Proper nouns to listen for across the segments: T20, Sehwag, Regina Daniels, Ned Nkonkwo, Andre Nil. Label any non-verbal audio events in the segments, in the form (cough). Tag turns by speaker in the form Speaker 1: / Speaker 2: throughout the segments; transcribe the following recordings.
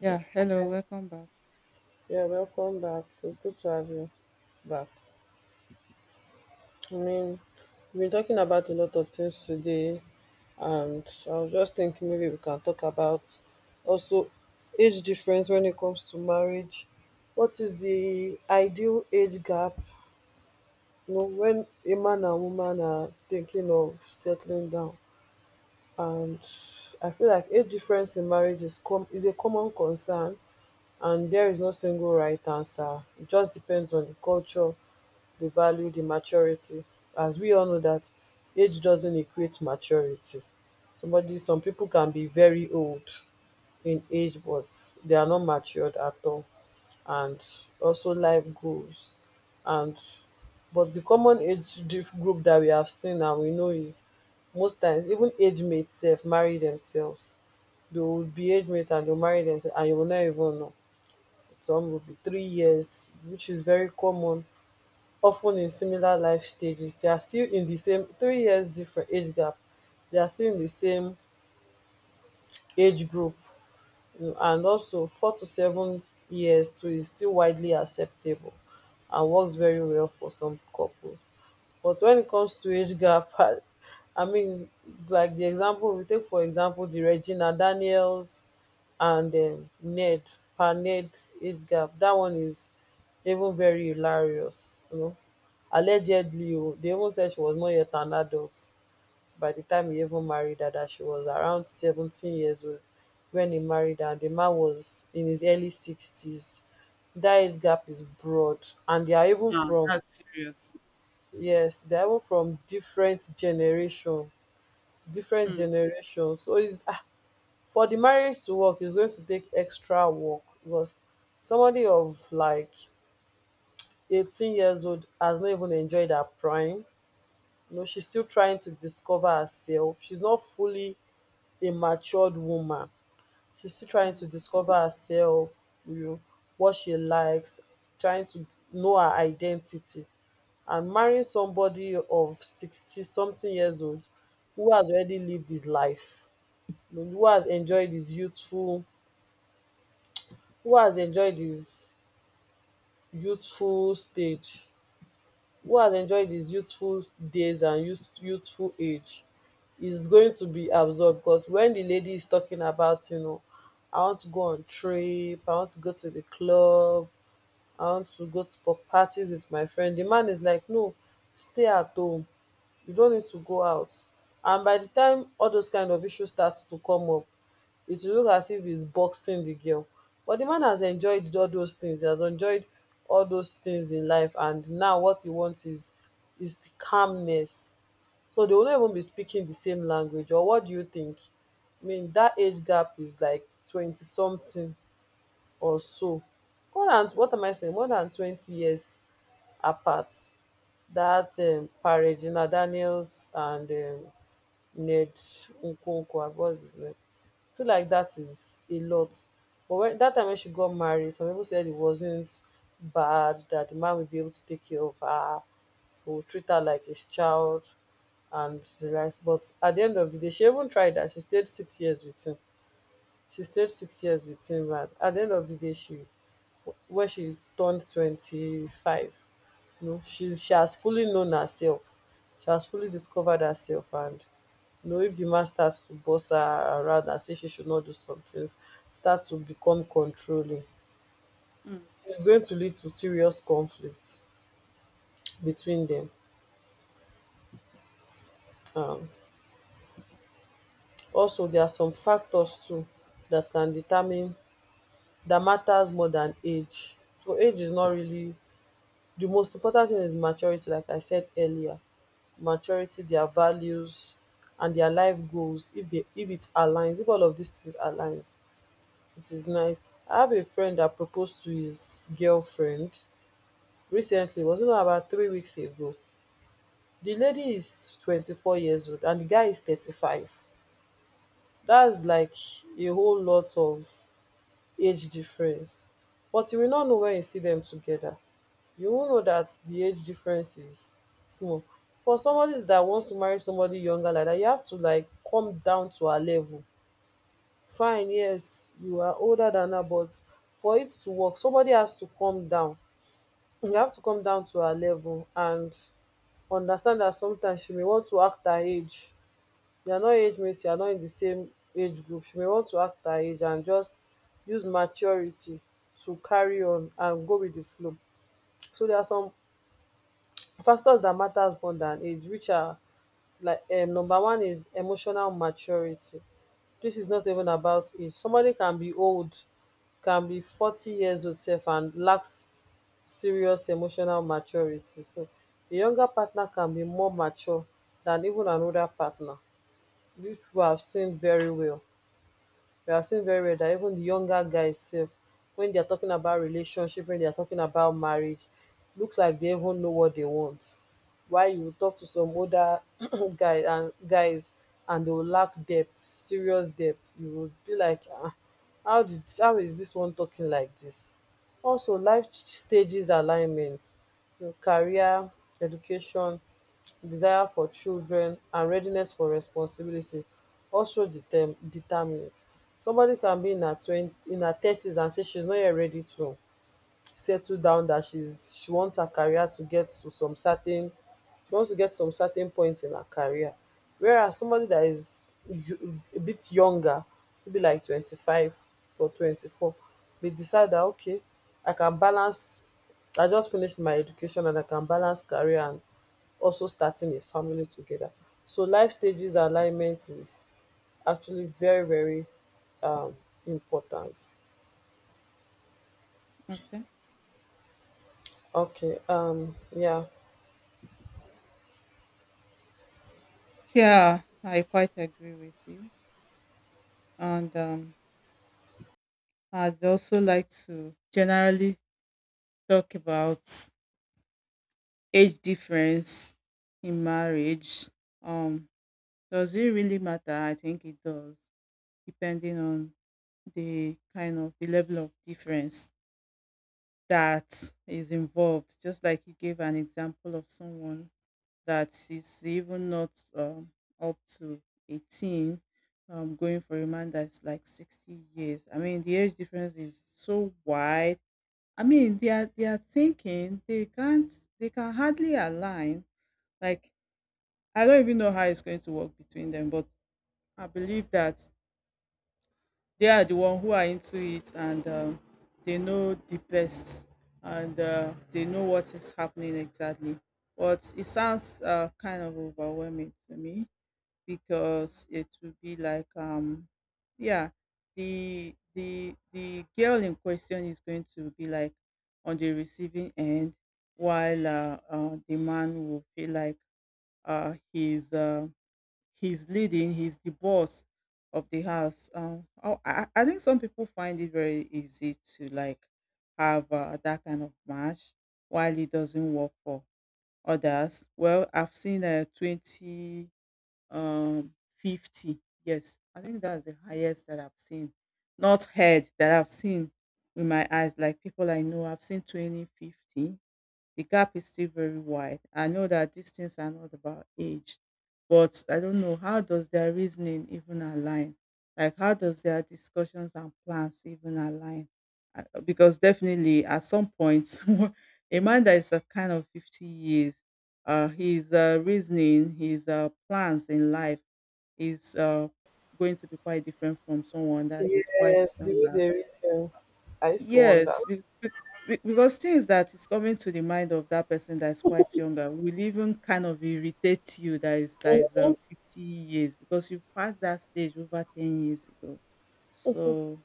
Speaker 1: Yeah, hello, welcome back.
Speaker 2: Yeah, welcome back. It's good to have you back. I mean, we've been talking about a lot of things today, and I was just thinking maybe we can talk about also age difference when it comes to marriage. What is the ideal age gap? You know, when a man and woman are thinking of settling down, and I feel like age difference in marriage is a common concern, and there is no single right answer. It just depends on the culture, the value, the maturity. As we all know that age doesn't equate maturity. Some people can be very old in age, but they are not matured at all. And also life goals. And but the common group that we have seen and we know is most times even age mates self marry themselves. They will be age mate and they'll marry themselves and you will not even know. Some will be 3 years, which is very common of ten in similar life stages. They are still in the same 3 years different age gap. They are still in the same age group, you know, and also 4 to 7 years too is still widely acceptable and works very well for some couples. But when it comes to age gap, (laughs) i mean like the example, we take for example the Regina Daniels and Ned Paned idgab. That one is even very hilarious, you know. Allegedly o dey even said she was not yet an adult by the time he even married her. That she was around 17 years old when he married her, and di man was in his early sixties. Dat gap is broad, and they are even
Speaker 1: Yeah,
Speaker 2: from,
Speaker 1: that's serious.
Speaker 2: yes, they are even from different generation, different
Speaker 1: Mm,
Speaker 2: generations. So it's for the marriage to work is going to take extra work, because somebody of like 18 years old has not even enjoyed her prime. You know, she's still trying to discover herself. She's not fully a matured woman. She's still trying to
Speaker 1: mm,
Speaker 2: discover herself, you know, what she likes, trying to know her identity. And marrying somebody of 60 something years old who has already lived his life, you know, who has enjoyed his youthful, who has enjoyed his youthful stage? Who has enjoyed his youthful days and youthful age, is going to be absorbed, because when the lady is talking about, you know, I want to go on trip, I want to go to the club, I want to go for parties with my friend, the man is like, no, stay at home. You don't need to go out. And by the time all those kind of issues start to come up, it will look as if he's boxing the girl. But the man has enjoyed all those things. He has enjoyed all those things in life. And now what he wants is the calmness. So they will not even be speaking the same language. Or what do you think? I mean, that age gap is like 20 something or so. More than what am I saying? More than 20 years apart. That Regina Daniels and Ned Nkonkwo, what's his name? I feel like that is a lot. But when that time when she got married, some people said it wasn't bad, that the man would be able to take care of her, who would treat her like his child and the rest. But at the end of the day, she even tried that. She stayed 6 years with him. And at the end of the day, she where she turned 25, you know, she has fully known herself. She has fully discovered herself, and you know, if the man starts to boss her around and say she should not do some things, start to become controlling,
Speaker 1: mm.
Speaker 2: it's going to lead to serious conflict between them. um Also there are some factors too that can determine, that matters more than age. So age is not really the most important thing. Is maturity, like I said earlier, maturity, their values, and their life goals. If it aligns, if all of these things aligns, it is nice. I have a friend that proposed to his girlfriend recently. It was not about 3 weeks ago. The lady is 24 years old and the guy is 35. That's like a whole lot of age difference, but you will not know. When you see them together, you will know that the age difference is small. For somebody that wants to marry somebody younger like that, you have to like come down to her level. Fine, yes, you are older than her, but for it to work, somebody has to come down. You have to come down to her level, and understand that sometimes she may want to act her age. They are not age mates, you are not in the same age group. She may want to act her age and just use maturity to carry on and go with the flow. So there are some factors that matters more than age, which are like number one is emotional maturity. This is not even about age. Somebody can be old, can be 40 years old self and lacks serious emotional maturity. So a younger partner can be more mature than even an older partner, which we have seen very well. We have seen very well that even the younger guys sef, when they are talking about relationship, when they are talking about marriage, looks like they even know what they want. While you talk to some older (clears throat) guy and guys, and they will lack depth, serious depth. You will be like, ah, how is this one talking like this? Also stages alignment, you career, education, desire for children and readiness for responsibility also determinants. Somebody can be in her thirties and say she's not yet ready to settle down, that she wants her career to get to some certain she wants to get some certain point in her career. Whereas somebody that is you a bit younger, maybe like 25 or 24, may decide that okay, I can balance, I just finished my education, and I can balance career and also starting a family together. So life stages alignment is actually very, very um important.
Speaker 1: Okay.
Speaker 2: Okay. Yeah.
Speaker 1: Yeah, I quite agree with you. And I'd also like to generally talk about age difference in marriage. Um, does it really matter? I think it does, depending on the kind of the level of difference that is involved. Just like you gave an example of someone that is even not um, up to 18, going for a man that's like 60 years. I mean the age difference is so wide. I mean they are thinking they can't, they can hardly align, like I don't even know how it's going to work between them. But I believe that they are the one who are into it, and they know the best, and they know what is happening exactly. But it sounds kind of overwhelming to me, because it will be like yeah, the girl in question is going to be like on the receiving end, while the man will feel like uh he's uh he's leading, he's the boss of the house. Oh, I think some people find it very easy to like have that kind of match, while it doesn't work for others. Well, I've seen 20, um 50. Yes, I think that's the highest that I've seen, not heard, that I've seen with my eyes. Like people I know, I've seen 20, 50. The gap is still very wide. I know that these things are not about age, but I don't know, how does their reasoning even align? Like how does their discussions and plans even align? Because definitely at some point, (laughs) a man that is a kind of 50 years, his reasoning, his plans in life is going to be quite different from someone that is quite
Speaker 2: Yes, the way
Speaker 1: younger.
Speaker 2: they raise him, I used to wonder.
Speaker 1: Yes, because things that is coming to the mind of that person that is quite younger will even kind of irritate you, that is, 50 years, because you passed that stage over 10 years ago. So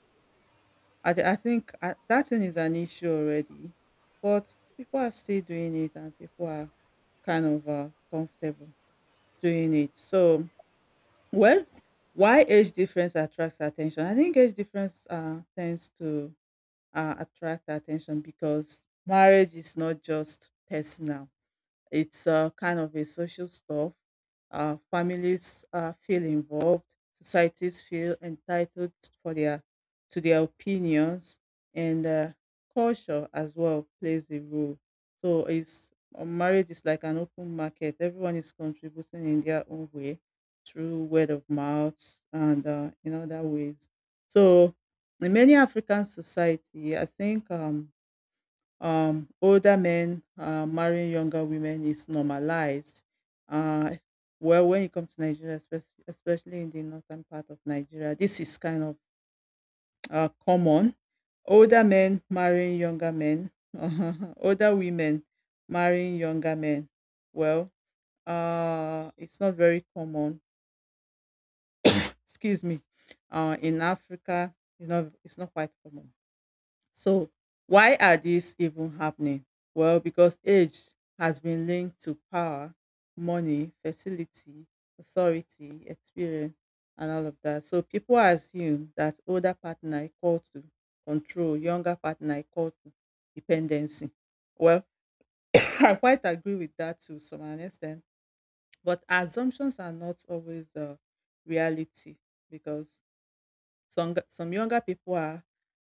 Speaker 1: I, I think that thing is an issue already, but people are still doing it, and people are kind of comfortable doing it. So, well, why age difference attracts attention? I think age difference tends to attract attention, because marriage is not just personal, it's kind of a social stuff. Families feel involved. Societies feel entitled for their to their opinions, and culture as well plays a role. So it's marriage is like an open market. Everyone is contributing in their own way through word of mouth, and in other ways. So in many African society, I think older men marrying younger women is normalized. Uh, well, when you come to Nigeria, especially in the northern part of Nigeria, this is kind of common. Older men marrying younger men, (laughs) older women marrying younger men. Well, it's not very common. Excuse me. In Africa, it's not quite common. So, why are these even happening? Well, because age has been linked to power, money, fertility, authority, experience, and all of that. So, people assume that older partner equal to control, younger partner equal to dependency. Well, (laughs) I quite agree with that to some extent, but assumptions are not always the reality, because some younger people are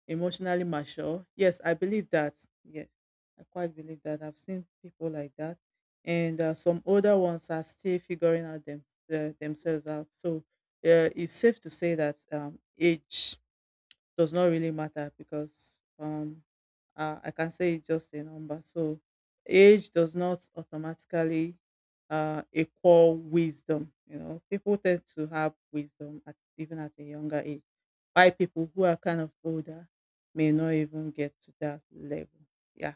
Speaker 1: emotionally mature. Yes, I believe that. Yes, I quite believe that. I've seen people like that, and some older ones are still figuring out themselves out. So it's safe to say that age does not really matter, because I can say it's just a number. So age does not automatically equal wisdom. You know, people tend to have wisdom, at, even at a younger age. Why people who are kind of older may not even get to that level. Yeah.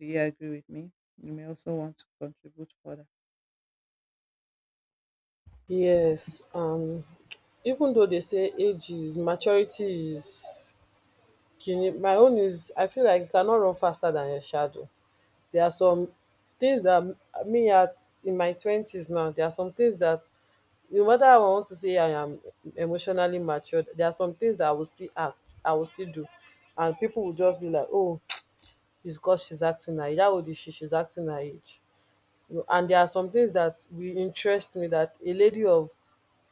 Speaker 1: Do you agree with me? You may also want to contribute further.
Speaker 2: Yes. Even though they say age is maturity is kin my own is, I feel like you cannot run faster than your shadow. There are some things that m- me at in my twenties now, there are some things that no matter how I want to say I am emotionally matured, there are some things that I will still act, I will still do. And people will just be like, oh, it's because she's acting her age. How old is she? She's acting her age. You know, and there are some things that will interest me that a lady of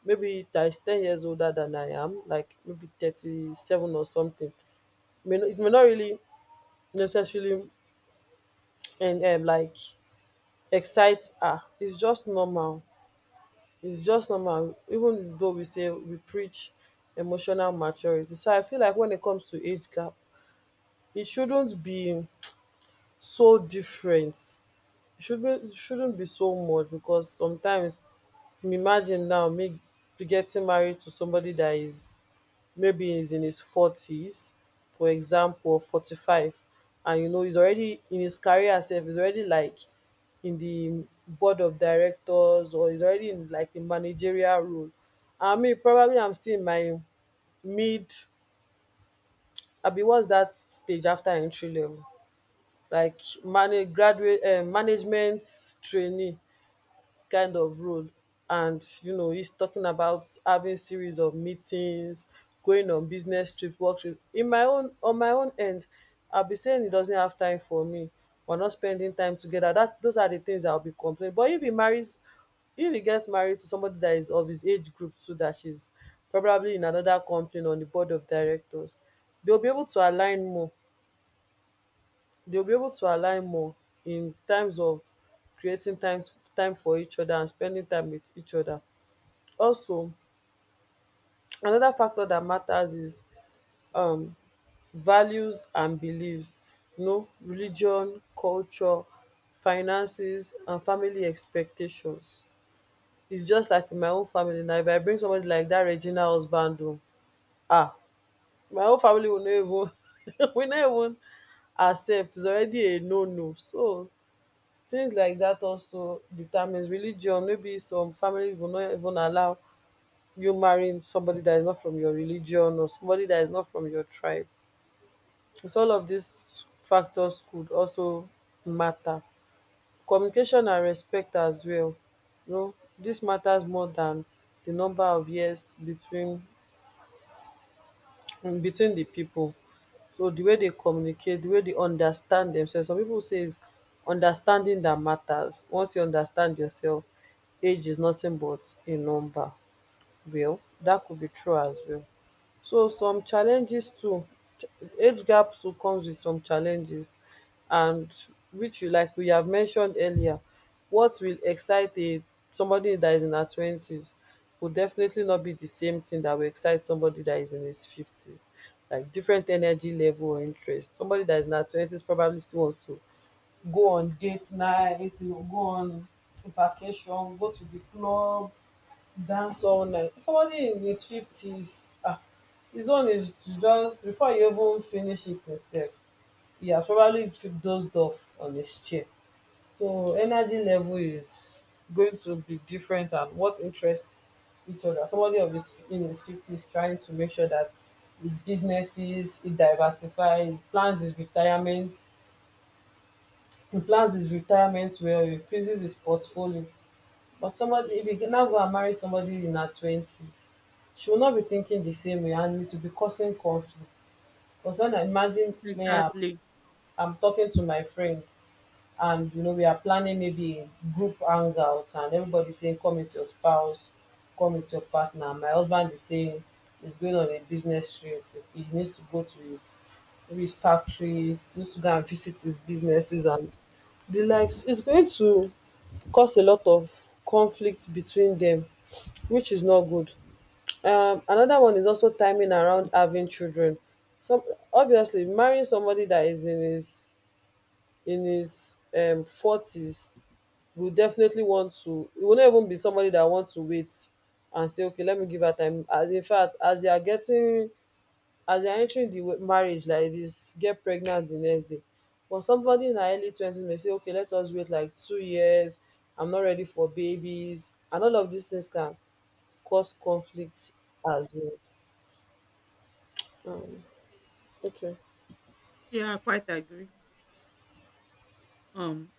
Speaker 2: maybe that is 10 years older than I am, like maybe 37 or something, may, not- it may not really necessarily and like excite her. It's just normal. It's just normal, even though we say we preach emotional maturity. So I feel like when it comes to age gap, it shouldn't be so different. It shouldn't be so much, because sometimes imagine now me be getting married to somebody that is maybe he's in his forties, for example, 45, and you know he's already in his career self, he's already like in the board of directors, or he's already in like a managerial role. I mean, probably I'm still in my mid, I'll be, what's that stage after entry level? Management trainee kind of role. And you know he's talking about having series of meetings, going on business trip, work trip. In my own, on my own end, I'll be saying he doesn't have time for me, we're not spending time together. That those are the things I'll be complaining. But if he marries If he gets married to somebody that is of his age group too, that she's probably in another company on the board of directors, they'll be able to align more. They'll be able to align more in terms of creating times time for each other and spending time with each other. Also, another factor that matters is um values and beliefs, you know, religion, culture, finances and family expectations. It's just like in my own family now. If I bring somebody like that Regina husband o, ah, my whole family will not even (laughs) will not even accept. It's already a no no. So things like that also determines religion. Maybe some family will not even allow you marrying somebody that is not from your religion or somebody that is not from your tribe. So all of these factors could also matter. Communication and respect as well, you know dis matters more than the number of years between between the people, so the way they communicate, the way they understand themselves. Some people say is understanding that matters. Once you understand yourself, age is nothing but a number. Well, that could be true as well. So some challenges too, ch- age gap too comes with some challenges, and which, you like we have mentioned earlier, what will excite a somebody that is in her twenties will definitely not be the same thing that will excite somebody that is in his fifties. Like different energy level or interest, somebody that is in her twenties probably still wants to go on date night, go on vacation, go to the club, dance all night. Somebody in his fifties, ah, this one is to just before you even finish it himself, he has probably dozed off on his chair. So energy level is going to be different, and what interests each other. Somebody of his in his fifties trying to make sure that his businesses, he diversifies, he plans his retirement, he plans his retirement well, he increases his portfolio. But somebody, if you now go and marry somebody in her twenties, she will not be thinking the same way, and it will be causing conflict. Because when I imagine me, I'm,
Speaker 1: Exactly.
Speaker 2: I'm talking to my friend, and we are planning maybe group hangouts, and everybody saying, "Come with your spouse, come with your partner." My husband is saying he's going on a business trip. He needs to go to his maybe his factory, needs to go and visit his businesses and the likes. It's going to cause a lot of conflict between dem, which is not good. Another one is also timing around having children. Some, obviously marrying somebody that is in his in his forties will definitely want to. It will not even be somebody that wants to wait and say, okay, let me give her time, as in fact as you are getting, as they're entering di marriage like this, get pregnant the next day. But somebody in her early 20s may say, okay, let us wait like 2 years, I'm not ready for babies. And all of these things can cause conflict as well. um okay.
Speaker 1: Yeah, I quite agree. Um,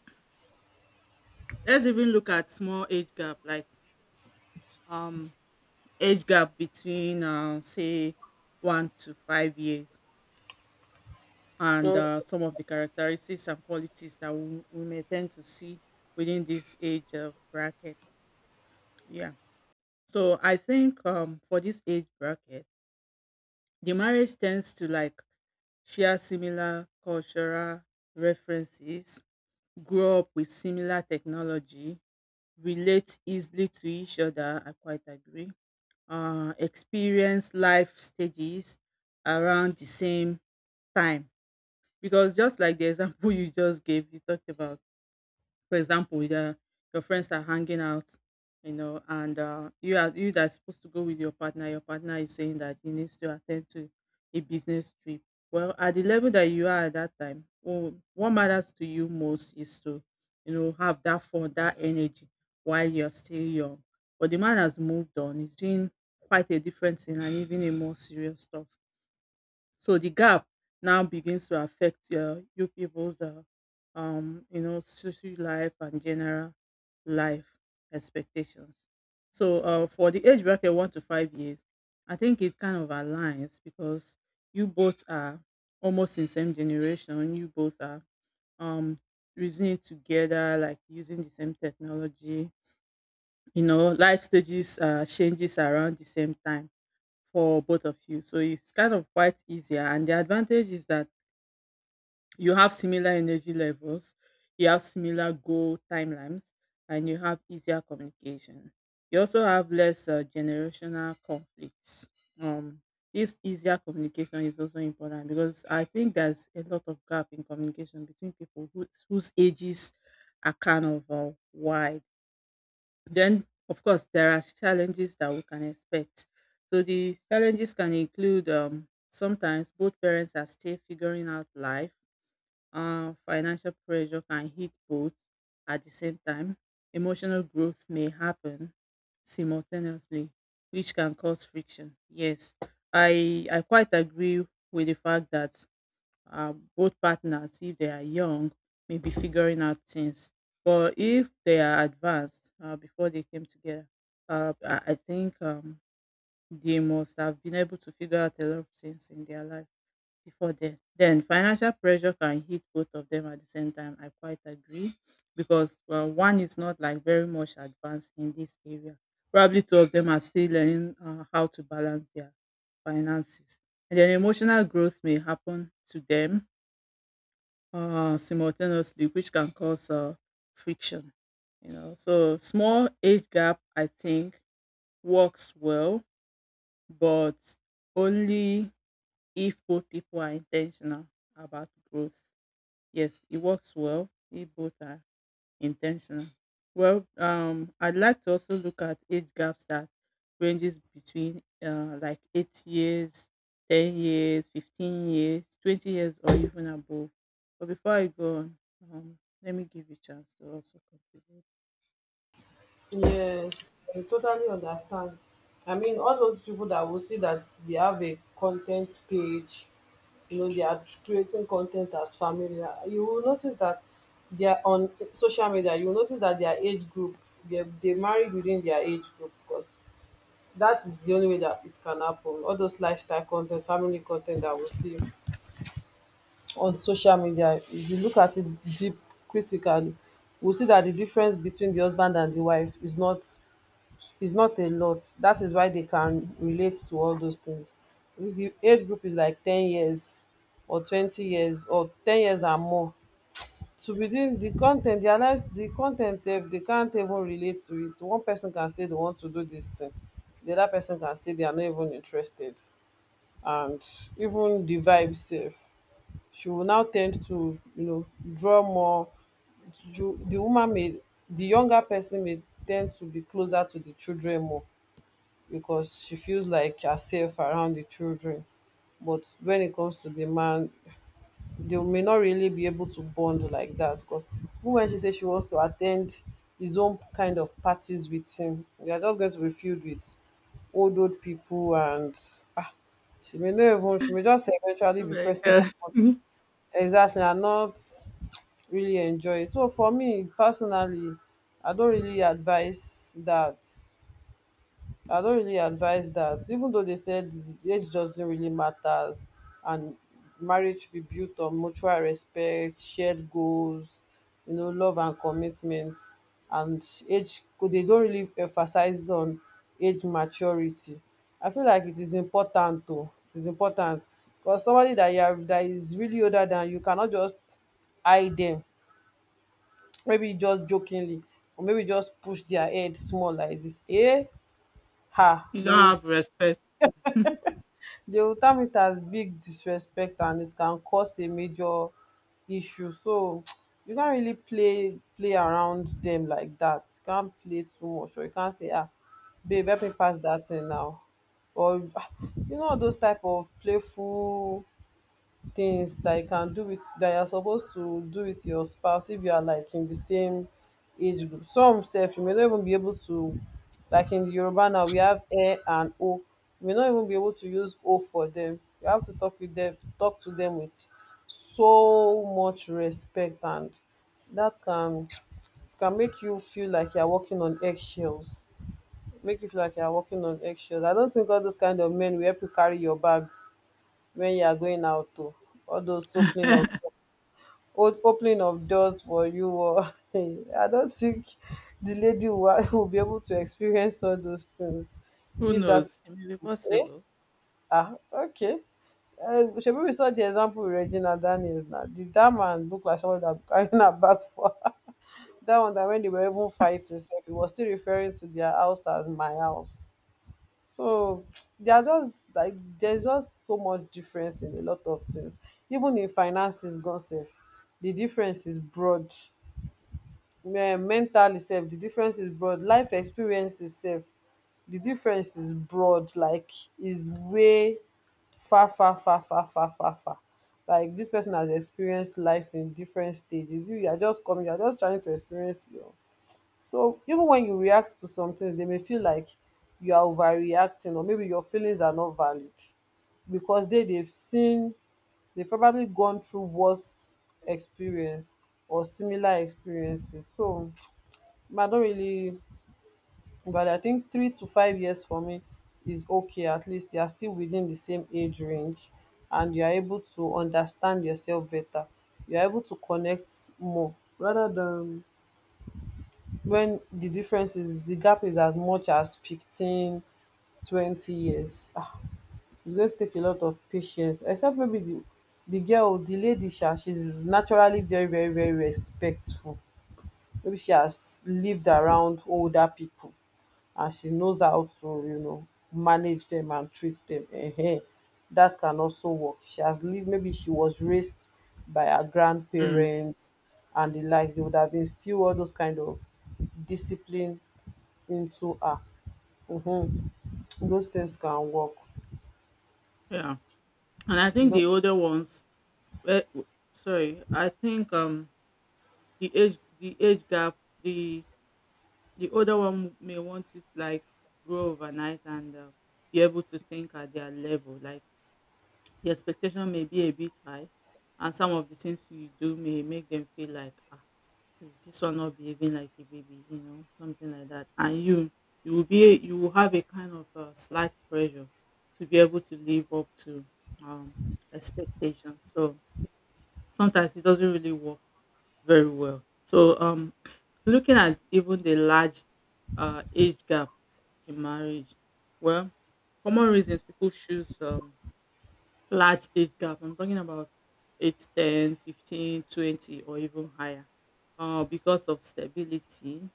Speaker 1: let's even look at small age gap. Like, um, age gap between say 1 to 5 years, and some of the characteristics and qualities that we may tend to see within this age bracket. Yeah, so I think for this age bracket, the marriage tends to like share similar cultural references, grow up with similar technology, relate easily to each other, I quite agree. Experience life stages around the same time, because just like the example (laughs) you just gave, you talked about, for example, your friends are hanging out, and you that's supposed to go with your partner, your partner is saying that he needs to attend to a business trip. Well, at the level that you are at that time, oh, what matters to you most is to have that fun, that energy, while you're still young. But the man has moved on, he's doing quite a different thing, and even a more serious stuff. So the gap now begins to affect you people's, social life and general life expectations. So for the age bracket 1 to 5 years, I think it kind of aligns, because you both are almost in same generation. You both are um, reasoning together, like using the same technology. You know, life stages changes around the same time for both of you. So it's kind of quite easier. And the advantage is that you have similar energy levels, you have similar goal timelines, and you have easier communication. You also have less generational conflicts. Um, this easier communication is also important, because I think there's a lot of gap in communication between people whose ages are kind of wide. Then, of course, there are challenges that we can expect. So the challenges can include sometimes both parents are still figuring out life. Financial pressure can hit both at the same time. Emotional growth may happen simultaneously, which can cause friction. Yes, I quite agree with the fact that both partners, if they are young, may be figuring out things. But if they are advanced before they came together, I think they must have been able to figure out a lot of things in their life before then. Then financial pressure can hit both of them at the same time, I quite agree, because well, one is not like very much advanced in this area, probably two of them are still learning how to balance their finances. And then emotional growth may happen to them simultaneously, which can cause friction. You know, so small age gap, I think, works well, but only if both people are intentional about growth. Yes, it works well if both are intentional. Well, I'd like to also look at age gaps that ranges between like 8 years, 10 years, 15 years, 20 years, or even above. But before I go on, let me give you a chance to also contribute.
Speaker 2: Yes, I totally understand. I mean, all those people that will see that they have a content page, you know, they are creating content as family. You will notice that they are on social media. You will notice that their age group, they married within their age group, because that is the only way that it can happen. All those lifestyle content, family content that we see on social media, if you look at it deep, critically, we'll see that the difference between the husband and the wife is not, it's not a lot. That is why they can relate to all those things. If the age group is like 10 years or 20 years or 10 years and more, to within the content, their lives the content, ten sef they can't even relate to it. One person can say they want to do this thing, the other person can say they are not even interested. And even the vibe sef, she will now tend to, you know, draw more, the woman may, the younger person may tend to be closer to the children more, because she feels like you're safe around the children. But when it comes to the man, they may not really be able to bond like that. Because when she says she wants to attend his own kind of parties with him, they are just going to be filled with old old people and, ah, she may not even, she may just eventually be pressing
Speaker 1: America,
Speaker 2: upon,
Speaker 1: (laughs) you
Speaker 2: exactly, and not really enjoy it. So for me personally, I don't really advise that I don't really advise that, even though they said the age doesn't really matters, and marriage should be built on mutual respect, shared goals, you know, love and commitment. And age, they don't really emphasize on age maturity. I feel like it is important though. It is important, because somebody that you have that is really older than you, cannot just eye them. Maybe just jokingly, or maybe just push their head small like this. Eh? Ha!
Speaker 1: don't
Speaker 2: They will,
Speaker 1: have respect.
Speaker 2: di ultimatums, big disrespect, and it can cause a major issue. So (tsk) you can't really play around dem like dat. You can't play too much, or you can't say, ah, babe, help me pass dat thing now, or (laughs) you know, all those type of playful things that you can do with, that you're supposed to do with your spouse if you are like in the same age group. Some sef you may not even be able to, like in Yoruba now we have E and O. You may not even be able to use O for them. You have to talk to them with so much respect, and that can, it can make you feel like you're walking on eggshells. Make you feel like you're walking on eggshells. I don't think all those kind of men will help you carry your bag when you are going out, to all those opening of, opening of doors for you, or (laughs) I don't think the lady will, (laughs) will be able to experience all those things.
Speaker 1: Who
Speaker 2: If that,
Speaker 1: knows? It may be
Speaker 2: eh?
Speaker 1: possible.
Speaker 2: Ah, okay. Uh, shebi we saw the example with Regina Daniels now, did that man look like someone that carrying her back for her? (laughs) That one that when they were even fighting sef, he was still referring to their house as my house. So they are just like, there's just so much difference in a lot of things. Even in finances gone sef, the difference is broad. Mentally sef, the difference is broad. Life experiences sef, the difference is broad. Like, is way far far far far far far far. Like this person has experienced life in different stages. You are just coming, you are just trying to experience your, so even when you react to something, they may feel like you are overreacting, or maybe your feelings are not valid, because they've seen, they've probably gone through worst experience or similar experiences. So (tsk) I don't really. But I think 3 to 5 years for me is okay. At least you are still within the same age range, and you are able to understand yourself better. You are able to connect more, rather than when the difference is, the gap is as much as 15, 20 years. Ah, it's going to take a lot of patience, except maybe the girl, the lady, sha, she's naturally very, very, very respectful. Maybe she has lived around older people, and she knows how to, you know, manage them and treat them. Ehen, that can also work. She has lived, maybe she was raised by her
Speaker 1: Mm,
Speaker 2: grandparents and the likes. They would have instilled all those kind of discipline into um those things can work.
Speaker 1: yeah, and I think the
Speaker 2: Those
Speaker 1: older ones. Well, sorry, I think the age gap. The The older one may want to like grow overnight, and be able to think at their level. Like the expectation may be a bit high, and some of the things you do may make them feel like, ah, is this one not behaving like a baby? You know, something like that. And you will have a kind of slight pressure to be able to live up to um, expectation. So sometimes it doesn't really work very well. So (clears throat) looking at even the large age gap in marriage. Well, common reasons people choose large age gap. I'm talking about age 10, 15, 20, or even higher. Because of stability,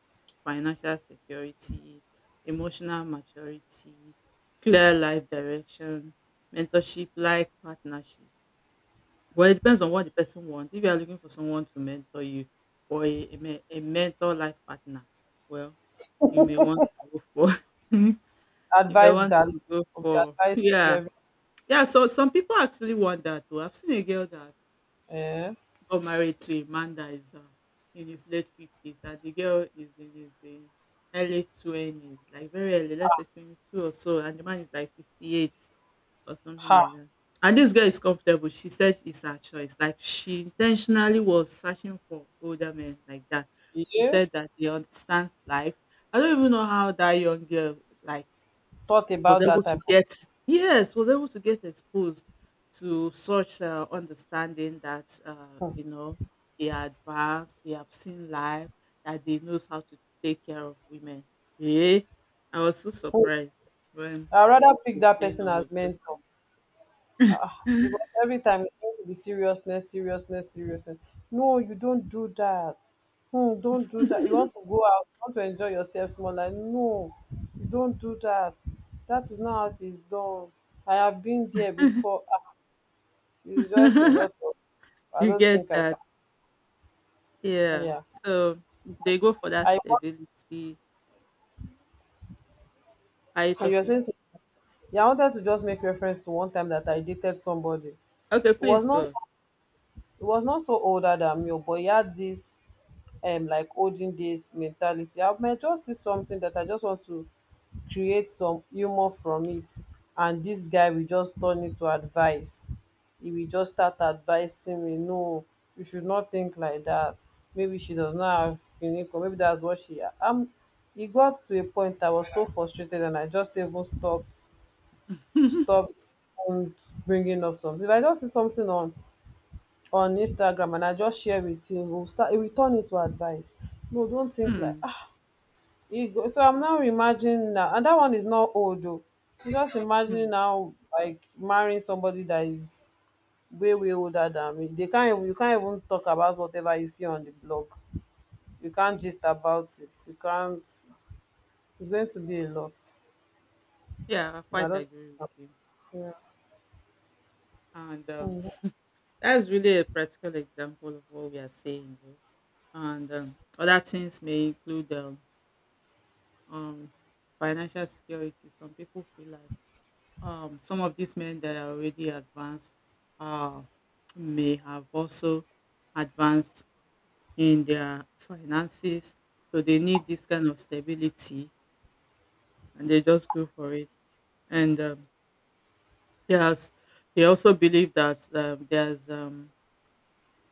Speaker 1: financial security, emotional maturity, clear life direction, mentorship like partnership. Well, it depends on what the person wants. If you are looking for someone to mentor you, or a mentor life partner, well, you may want to go for (laughs) If I
Speaker 2: advice
Speaker 1: want
Speaker 2: galore,
Speaker 1: to go
Speaker 2: will be
Speaker 1: for,
Speaker 2: advising you
Speaker 1: yeah.
Speaker 2: every,
Speaker 1: Yeah, so some people actually want that too. I've seen a girl that
Speaker 2: um
Speaker 1: got married to a man that is in his late 50s, and the girl is in his early 20s, like very early, let's say 22 or so, and the man is like 58 or something like
Speaker 2: ha.
Speaker 1: that. And this girl is comfortable. She says it's her choice. Like she intentionally was searching for older men like that. She
Speaker 2: You
Speaker 1: said that he understands life. I don't even know how that young girl like
Speaker 2: thought
Speaker 1: was
Speaker 2: about that
Speaker 1: able to
Speaker 2: type
Speaker 1: get, yes, was able to get exposed to such understanding that uh,
Speaker 2: of,
Speaker 1: you know They are advanced, they have seen life, that they knows how to take care of women. Yeah, I was so
Speaker 2: um
Speaker 1: surprised when
Speaker 2: I rather
Speaker 1: she
Speaker 2: pick
Speaker 1: was
Speaker 2: that
Speaker 1: saying
Speaker 2: person
Speaker 1: all of
Speaker 2: as
Speaker 1: those
Speaker 2: mentor.
Speaker 1: things.
Speaker 2: Ah, because every time it's going to be seriousness, seriousness, seriousness. No, you don't do that. Hmm. Don't do that. You want to go out, you want to enjoy yourself small, like, no, you don't do that. That is not how it is done. I have been there before. Ah, it's just a
Speaker 1: (laughs)
Speaker 2: lot of, I
Speaker 1: You
Speaker 2: don't
Speaker 1: get
Speaker 2: think I can.
Speaker 1: that? Yeah.
Speaker 2: Yeah.
Speaker 1: So they go for that
Speaker 2: I want,
Speaker 1: stability. Are you
Speaker 2: and you're
Speaker 1: talking?
Speaker 2: saying, yeah, I wanted to just make reference to one time that I dated somebody. It
Speaker 1: Okay,
Speaker 2: was
Speaker 1: please
Speaker 2: not,
Speaker 1: go. (laughs)
Speaker 2: it was not so older than me, but he had this, like holding this mentality. I might just see something that I just want to create some humour from it, and dis guy will just turn it to advice. He will just start advising me, no, you should not think like that. Maybe she does not have clinic, or maybe that's what she am. E got to a point I was so frustrated, and I just even stopped,
Speaker 1: Hmm.
Speaker 2: stopped even bringing up something. If I just see something on Instagram, and I just share with you, e will start, e will turn it to advice, no, don't think like you go. So I'm now imagining now, and that one is not old though. I'm just imagining
Speaker 1: Hmm.
Speaker 2: now, like marrying somebody that is way older than me. They can't even, you can't even talk about whatever you see on the blog. You can't gist about it. You can't. It's going to be a lot.
Speaker 1: Yeah, I
Speaker 2: I
Speaker 1: quite
Speaker 2: don't.
Speaker 1: agree with you.
Speaker 2: Yeah.
Speaker 1: And
Speaker 2: Mm.
Speaker 1: That's really a practical example of what we are saying, though. And other things may include um, financial security. Some people feel like some of these men that are already advanced uh, may have also advanced in their finances. So they need this kind of stability and they just go for it. And there's, they also believe that there's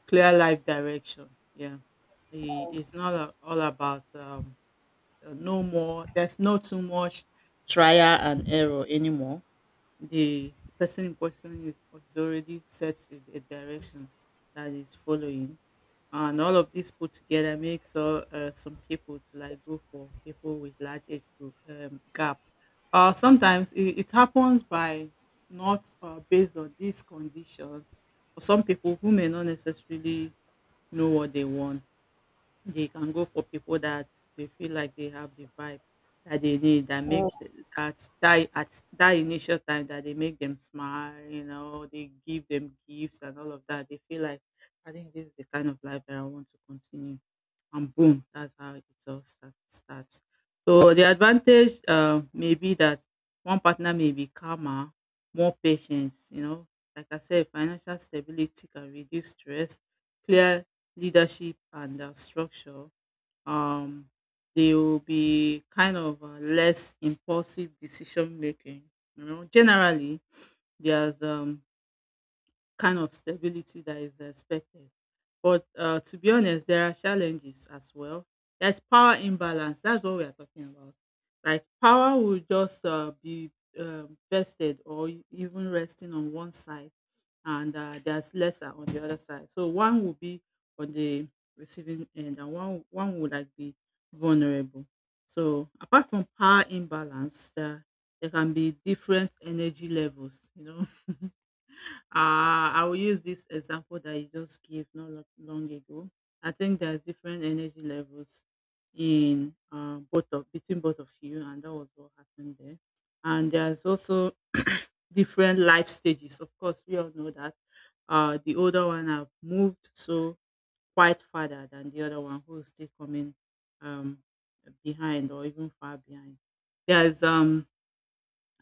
Speaker 1: clear life direction. Yeah, it's not a- all about no more. There's no too much trial and error anymore. The person in question is already set a direction that is following, and all of this put together makes some people to like go for people with large age group gap. Sometimes it happens by not, based on these conditions, for some people who may not necessarily know what they want. They can go for people that they feel like they have the vibe that they need, that
Speaker 2: Mm.
Speaker 1: make that that at that initial time that they make them smile, you know, they give them gifts and all of that. They feel like I think this is the kind of life that I want to continue, and boom, that's how it all starts. So the advantage may be that one partner may be calmer, more patient, you know. Like I said, financial stability can reduce stress, clear leadership and structure. Um, they will be kind of less impulsive decision making. You know, generally, there's kind of stability that is expected. But to be honest, there are challenges as well. There's power imbalance. That's what we are talking about. Like power will just be vested or even resting on one side, and there's lesser on the other side. So one will be on the receiving end, and one would like be vulnerable. So apart from power imbalance, there can be different energy levels. You know, (laughs) uh, I will use this example that you just gave not long ago. I think there's different energy levels in both of between both of you, and that was what happened there. And there's also different life stages. Of course, we all know that the older one have moved so quite farther than the other one who is still coming um, behind or even far behind. There's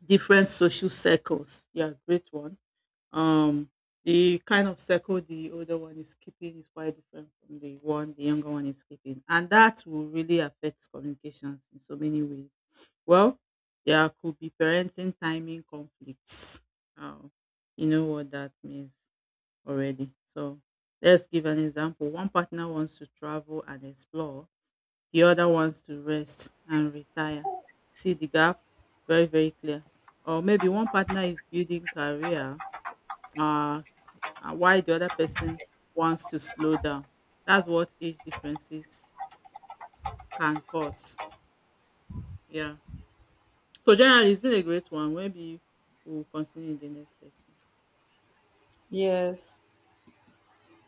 Speaker 1: different social circles. Yeah, great one. um, the kind of circle the older one is keeping is quite different from the one the younger one is keeping, and that will really affect communications in so many ways. Well, there could be parenting timing conflicts. Um, you know what that means already. So let's give an example. One partner wants to travel and explore, the other wants to rest and retire. See the gap? Very, very clear. Or maybe one partner is building career, uh, and why the other person wants to slow down. That's what age differences can cause. Yeah. So generally, it's been a great one. Maybe we'll continue in the next section.
Speaker 2: Yes.